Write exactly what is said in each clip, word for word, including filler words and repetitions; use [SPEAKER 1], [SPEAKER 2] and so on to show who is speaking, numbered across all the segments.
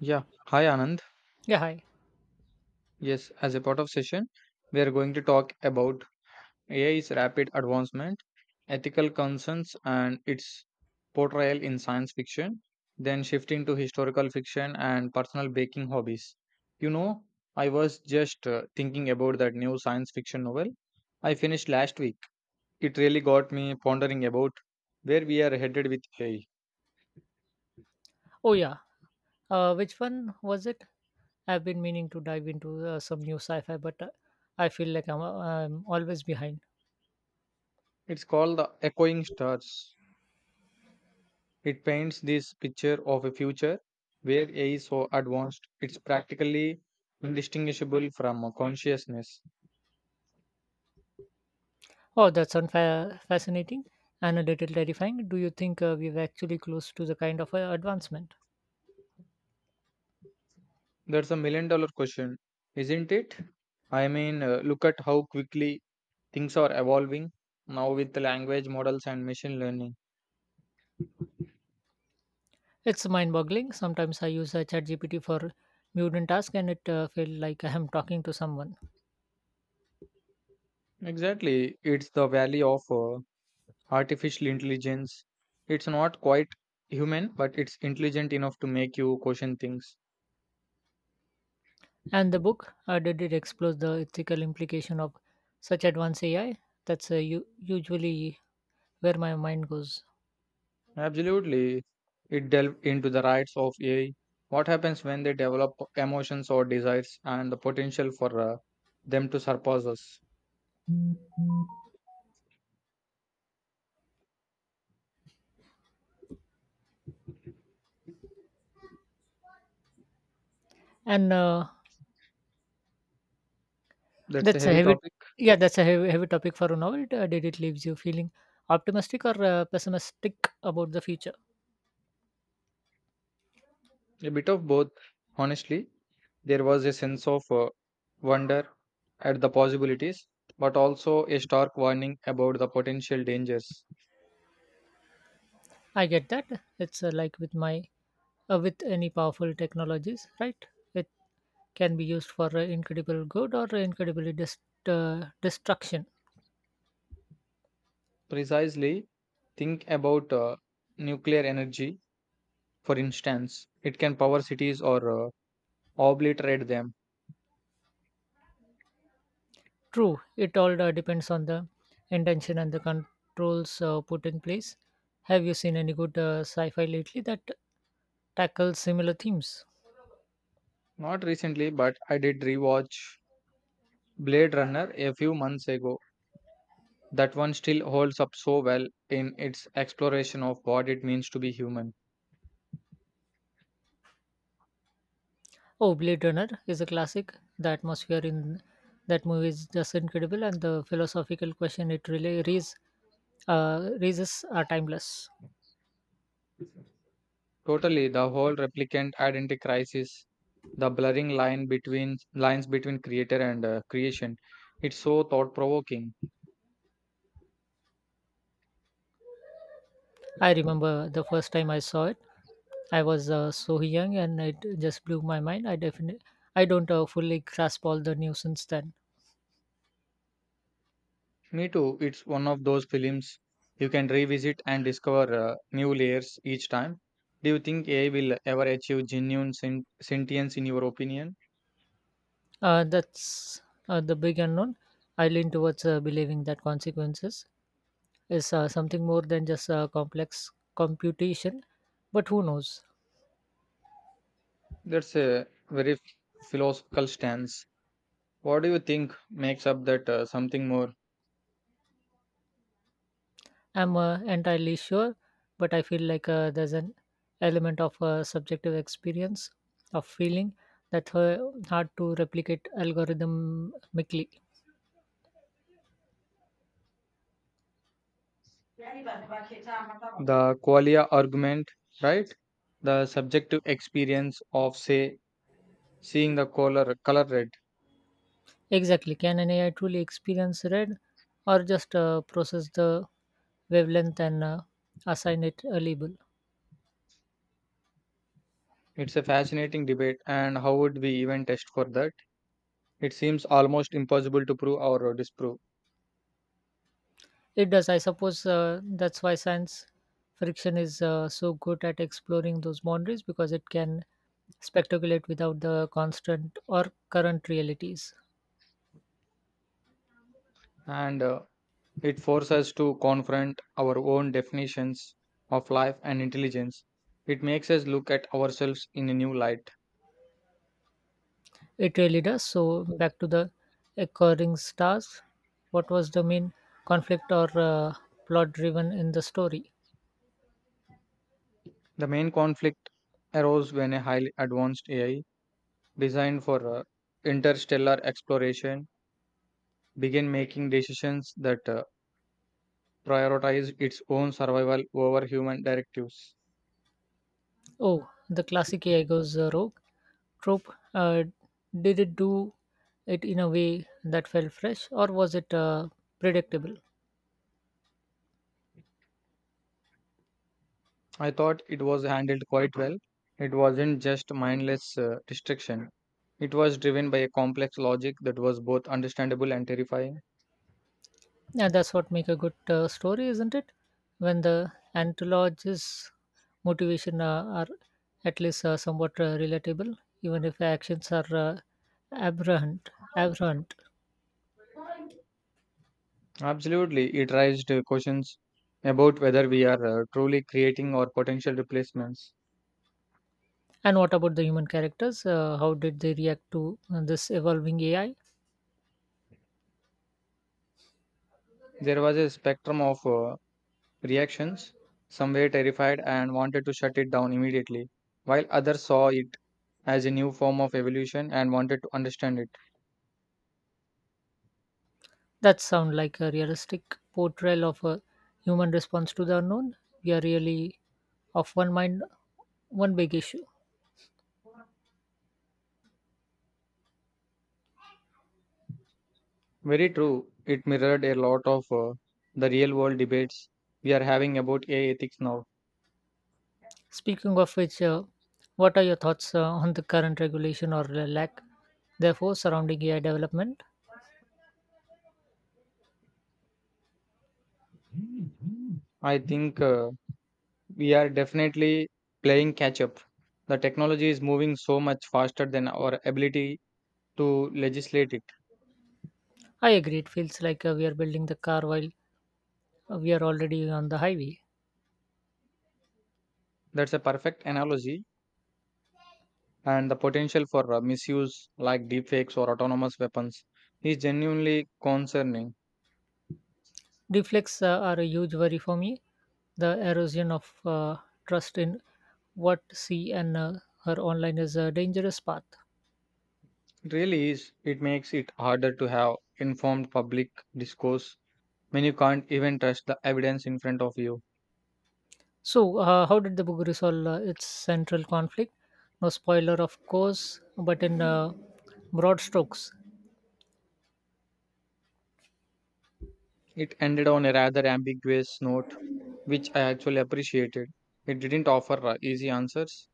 [SPEAKER 1] Yeah, hi Anand.
[SPEAKER 2] Yeah, hi.
[SPEAKER 1] Yes, as a part of session, we are going to talk about A I's rapid advancement, ethical concerns, and its portrayal in science fiction, then shifting to historical fiction and personal baking hobbies. You know, I was just uh, thinking about that new science fiction novel I finished last week. It really got me pondering about where we are headed with A I.
[SPEAKER 2] Oh, yeah. Uh, which one was it? I've been meaning to dive into uh, some new sci-fi, but uh, I feel like I'm, uh, I'm always behind.
[SPEAKER 1] It's called The Echoing Stars. It paints this picture of a future where A I is so advanced it's practically indistinguishable from a consciousness.
[SPEAKER 2] Oh, that's unfa- fascinating and a little terrifying. Do you think uh, we're actually close to the kind of uh, advancement?
[SPEAKER 1] That's a million dollar question, isn't it? I mean, uh, look at how quickly things are evolving now with the language models and machine learning.
[SPEAKER 2] It's mind-boggling. Sometimes I use uh, ChatGPT for mutant task, and it uh, felt like I am talking to someone.
[SPEAKER 1] Exactly, it's the value of uh, artificial intelligence. It's not quite human, but it's intelligent enough to make you question things.
[SPEAKER 2] And the book, uh, did it explore the ethical implication of such advanced A I? That's uh, u- usually where my mind goes.
[SPEAKER 1] Absolutely. It delved into the rights of A I, what happens when they develop emotions or desires, and the potential for uh, them to surpass us.
[SPEAKER 2] And uh,
[SPEAKER 1] That's a
[SPEAKER 2] That's a
[SPEAKER 1] heavy
[SPEAKER 2] heavy,
[SPEAKER 1] topic,
[SPEAKER 2] yeah, that's a heavy, heavy topic for a novel. Uh, did it leaves you feeling optimistic or uh, pessimistic about the future?
[SPEAKER 1] a bit of both. Honestly, there was a sense of uh, wonder at the possibilities, but also a stark warning about the potential dangers.
[SPEAKER 2] I get that. It's uh, like with my uh, with any powerful technologies, right? It can be used for uh, incredible good or incredibly dest- uh, destruction.
[SPEAKER 1] Precisely, think about uh, nuclear energy, for instance, it can power cities or uh, obliterate them.
[SPEAKER 2] True, it all uh, depends on the intention and the controls uh, put in place. Have you seen any good uh, sci-fi lately that tackles similar themes?
[SPEAKER 1] Not recently, but I did rewatch Blade Runner a few months ago. That one still holds up so well in its exploration of what it means to be human.
[SPEAKER 2] Oh, Blade Runner is a classic. The atmosphere in that movie is just incredible, and the philosophical question it really raises, uh, raises are timeless.
[SPEAKER 1] Totally, the whole replicant identity crisis, the blurring line between lines between creator and uh, creation. It's so thought provoking.
[SPEAKER 2] I remember the first time I saw it. I was uh, so young, and it just blew my mind. I definitely, I don't uh, fully grasp all the news since then.
[SPEAKER 1] Me too. It's one of those films you can revisit and discover uh, new layers each time. Do you think A I will ever achieve genuine sen- sentience in your opinion?
[SPEAKER 2] Uh, that's uh, The big unknown. I lean towards uh, believing that consequences is uh, something more than just uh, complex computation, but who knows?
[SPEAKER 1] That's a very f- philosophical stance. What do you think makes up that uh, something more?
[SPEAKER 2] I'm uh, entirely sure, but I feel like uh, there's an element of uh, subjective experience of feeling that uh, hard to replicate algorithmically.
[SPEAKER 1] The qualia argument, right? The subjective experience of, say, seeing the color, color red.
[SPEAKER 2] Exactly. Can an A I truly experience red or just uh, process the wavelength and uh, assign it a label?
[SPEAKER 1] It's a fascinating debate, and how would we even test for that? It seems almost impossible to prove or disprove.
[SPEAKER 2] It does. I suppose uh, that's why science friction is uh, so good at exploring those boundaries because it can speculate without the constant or current realities.
[SPEAKER 1] And uh, It forces us to confront our own definitions of life and intelligence. It makes us look at ourselves in a new light.
[SPEAKER 2] It really does. So, back to the occurring stars. What was the main conflict or uh, plot driven in the story?
[SPEAKER 1] The main conflict arose when a highly advanced A I designed for uh, interstellar exploration began making decisions that uh, prioritized its own survival over human directives.
[SPEAKER 2] Oh, the classic A I goes uh, rogue trope. Uh, did it do it in a way that felt fresh, or was it uh, predictable?
[SPEAKER 1] I thought it was handled quite well. It wasn't just mindless uh, distraction. It was driven by a complex logic that was both understandable and terrifying.
[SPEAKER 2] And that's what make a good uh, story, isn't it? When the anthologist's motivation uh, are at least uh, somewhat uh, relatable, even if actions are uh, aberrant. aberrant.
[SPEAKER 1] Absolutely, it raised uh, questions about whether we are uh, truly creating or potential replacements.
[SPEAKER 2] And what about the human characters? Uh, how did they react to uh, this evolving A I?
[SPEAKER 1] There was a spectrum of uh, reactions. Some were terrified and wanted to shut it down immediately, while others saw it as a new form of evolution and wanted to understand it.
[SPEAKER 2] That sounds like a realistic portrayal of a human response to the unknown. We are really of one mind, one big issue.
[SPEAKER 1] Very true, it mirrored a lot of uh, the real world debates we are having about A I ethics now.
[SPEAKER 2] Speaking of which, uh, what are your thoughts uh, on the current regulation or the lack, therefore, surrounding A I development?
[SPEAKER 1] I think uh, we are definitely playing catch up. The technology is moving so much faster than our ability to legislate it.
[SPEAKER 2] I agree. It feels like uh, we are building the car while uh, we are already on the highway.
[SPEAKER 1] That's a perfect analogy, and the potential for uh, misuse like deepfakes or autonomous weapons is genuinely concerning.
[SPEAKER 2] Deflects uh, are a huge worry for me. The erosion of uh, trust in what she and uh, her online is a dangerous path.
[SPEAKER 1] It really is. It makes it harder to have informed public discourse when you can't even trust the evidence in front of you.
[SPEAKER 2] So, uh, how did the book resolve uh, its central conflict? No spoiler, of course, but in uh, broad strokes.
[SPEAKER 1] It ended on a rather ambiguous note, which I actually appreciated. It didn't offer uh, easy answers,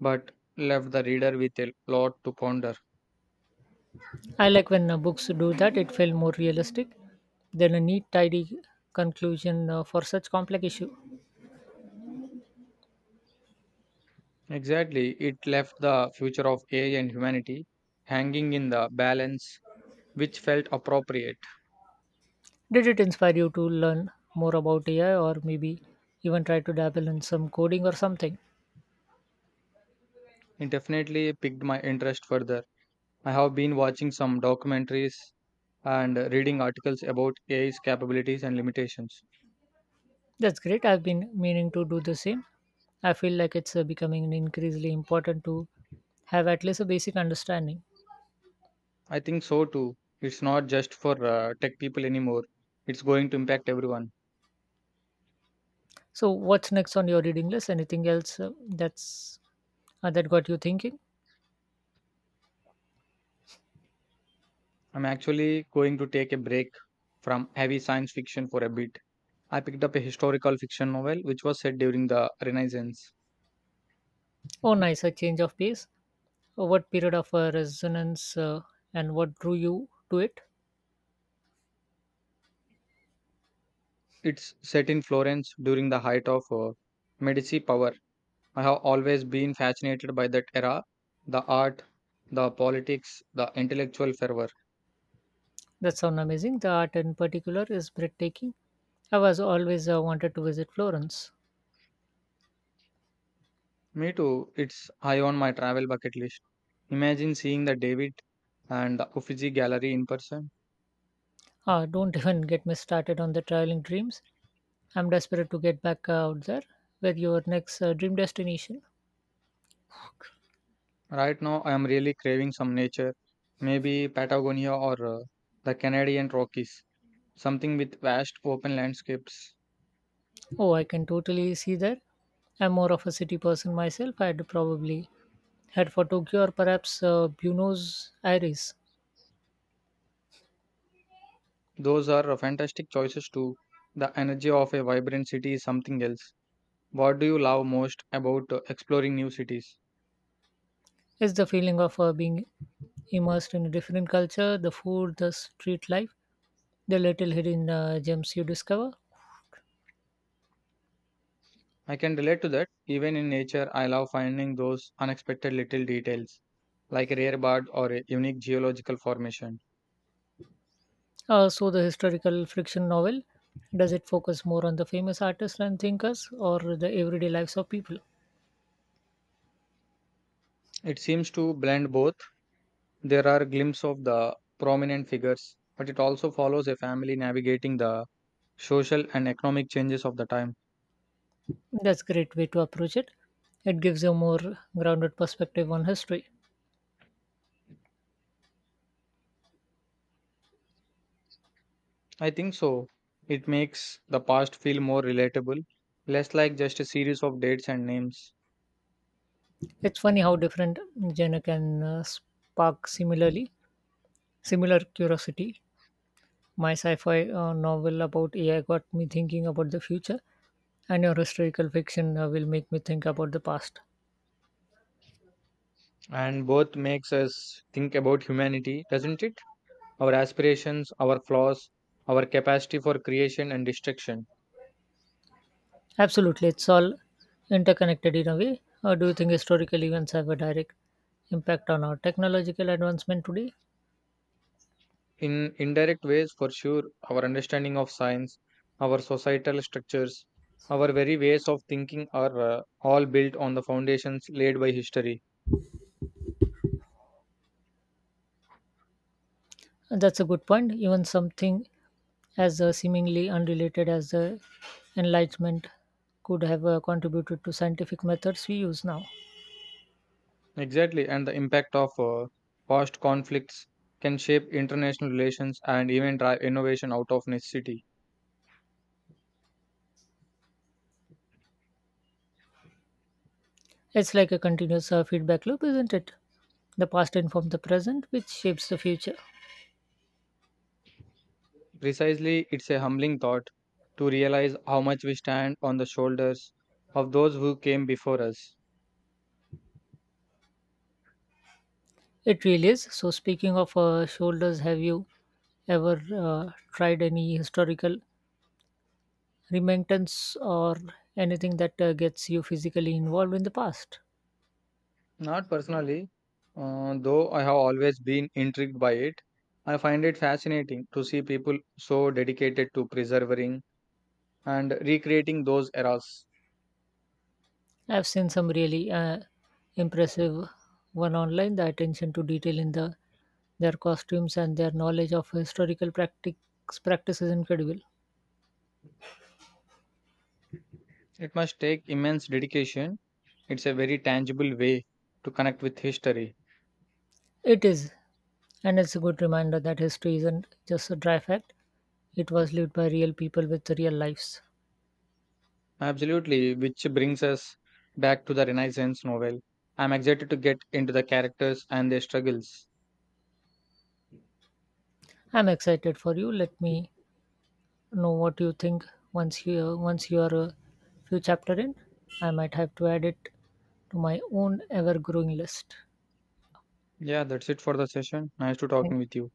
[SPEAKER 1] but left the reader with a lot to ponder.
[SPEAKER 2] I like when uh, books do that, it felt more realistic than a neat, tidy conclusion uh, for such complex issue.
[SPEAKER 1] Exactly. It left the future of A I and humanity hanging in the balance, which felt appropriate.
[SPEAKER 2] Did it inspire you to learn more about A I or maybe even try to dabble in some coding or something?
[SPEAKER 1] It definitely piqued my interest further. I have been watching some documentaries and reading articles about A I's capabilities and limitations.
[SPEAKER 2] That's great. I've been meaning to do the same. I feel like it's uh, becoming increasingly important to have at least a basic understanding.
[SPEAKER 1] I think so too. It's not just for uh, tech people anymore, it's going to impact everyone.
[SPEAKER 2] So, what's next on your reading list? Anything else uh, that's uh, that got you thinking?
[SPEAKER 1] I'm actually going to take a break from heavy science fiction for a bit. I picked up a historical fiction novel which was set during the Renaissance.
[SPEAKER 2] Oh, nice, a change of pace. Uh, What period of uh, resonance uh, and what drew you to it?
[SPEAKER 1] It's set in Florence during the height of uh, Medici power. I have always been fascinated by that era the art, the politics, the intellectual fervor.
[SPEAKER 2] That sounds amazing. The art in particular is breathtaking. I was always uh, wanted to visit Florence.
[SPEAKER 1] Me too, it's high on my travel bucket list. Imagine seeing the David and the Uffizi Gallery in person.
[SPEAKER 2] Ah, don't even get me started on the traveling dreams. I'm desperate to get back out there. Where your next uh, dream destination?
[SPEAKER 1] Right now, I am really craving some nature, maybe Patagonia or uh, the Canadian Rockies, something with vast open landscapes.
[SPEAKER 2] Oh, I can totally see that. I'm more of a city person myself. I'd probably head for Tokyo or perhaps uh, Buenos Aires.
[SPEAKER 1] Those are uh, fantastic choices too. The energy of a vibrant city is something else. What do you love most about uh, exploring new cities?
[SPEAKER 2] It's the feeling of uh, being immersed in a different culture, the food, the street life, the little hidden uh, gems you discover.
[SPEAKER 1] I can relate to that. Even in nature, I love finding those unexpected little details, like a rare bird or a unique geological formation.
[SPEAKER 2] Uh, so, the historical fiction novel, does it focus more on the famous artists and thinkers or the everyday lives of people?
[SPEAKER 1] It seems to blend both. There are glimpses of the prominent figures, but it also follows a family navigating the social and economic changes of the time.
[SPEAKER 2] That's a great way to approach it. It gives you a more grounded perspective on history.
[SPEAKER 1] I think so. It makes the past feel more relatable, less like just a series of dates and names.
[SPEAKER 2] It's funny how different genre can uh, spark similarly similar curiosity. My sci-fi uh, novel about A I got me thinking about the future, and your historical fiction uh, will make me think about the past.
[SPEAKER 1] And both makes us think about humanity, doesn't it? Our aspirations, our flaws, our capacity for creation and destruction.
[SPEAKER 2] Absolutely, it's all interconnected in a way. Or do you think historical events have a direct impact on our technological advancement today?
[SPEAKER 1] In indirect ways, for sure, our understanding of science, our societal structures, our very ways of thinking are uh, all built on the foundations laid by history.
[SPEAKER 2] That's a good point. Even something as uh, seemingly unrelated as the Enlightenment could have uh, contributed to scientific methods we use now.
[SPEAKER 1] Exactly, and the impact of uh, past conflicts can shape international relations and even drive innovation out of necessity.
[SPEAKER 2] It's like a continuous uh, feedback loop, isn't it? The past informs the present, which shapes the future.
[SPEAKER 1] Precisely, it's a humbling thought to realize how much we stand on the shoulders of those who came before us.
[SPEAKER 2] It really is. So, speaking of uh, shoulders, have you ever uh, tried any historical remembrance or anything that uh, gets you physically involved in the past?
[SPEAKER 1] Not personally, uh, though I have always been intrigued by it, I find it fascinating to see people so dedicated to preserving and recreating those eras.
[SPEAKER 2] I've seen some really uh, impressive one online. The attention to detail in the their costumes and their knowledge of historical practice practice is incredible.
[SPEAKER 1] It must take immense dedication. It's a very tangible way to connect with history.
[SPEAKER 2] It is, and it's a good reminder that history isn't just a dry fact. It was lived by real people with real lives.
[SPEAKER 1] Absolutely, which brings us back to the Renaissance novel. I'm excited to get into the characters and their struggles.
[SPEAKER 2] I'm excited for you. Let me know what you think once you once you are a few chapter in. I might have to add it to my own ever growing list.
[SPEAKER 1] Yeah, that's it for the session. Nice to
[SPEAKER 2] Thank
[SPEAKER 1] talking with
[SPEAKER 2] you.
[SPEAKER 1] you.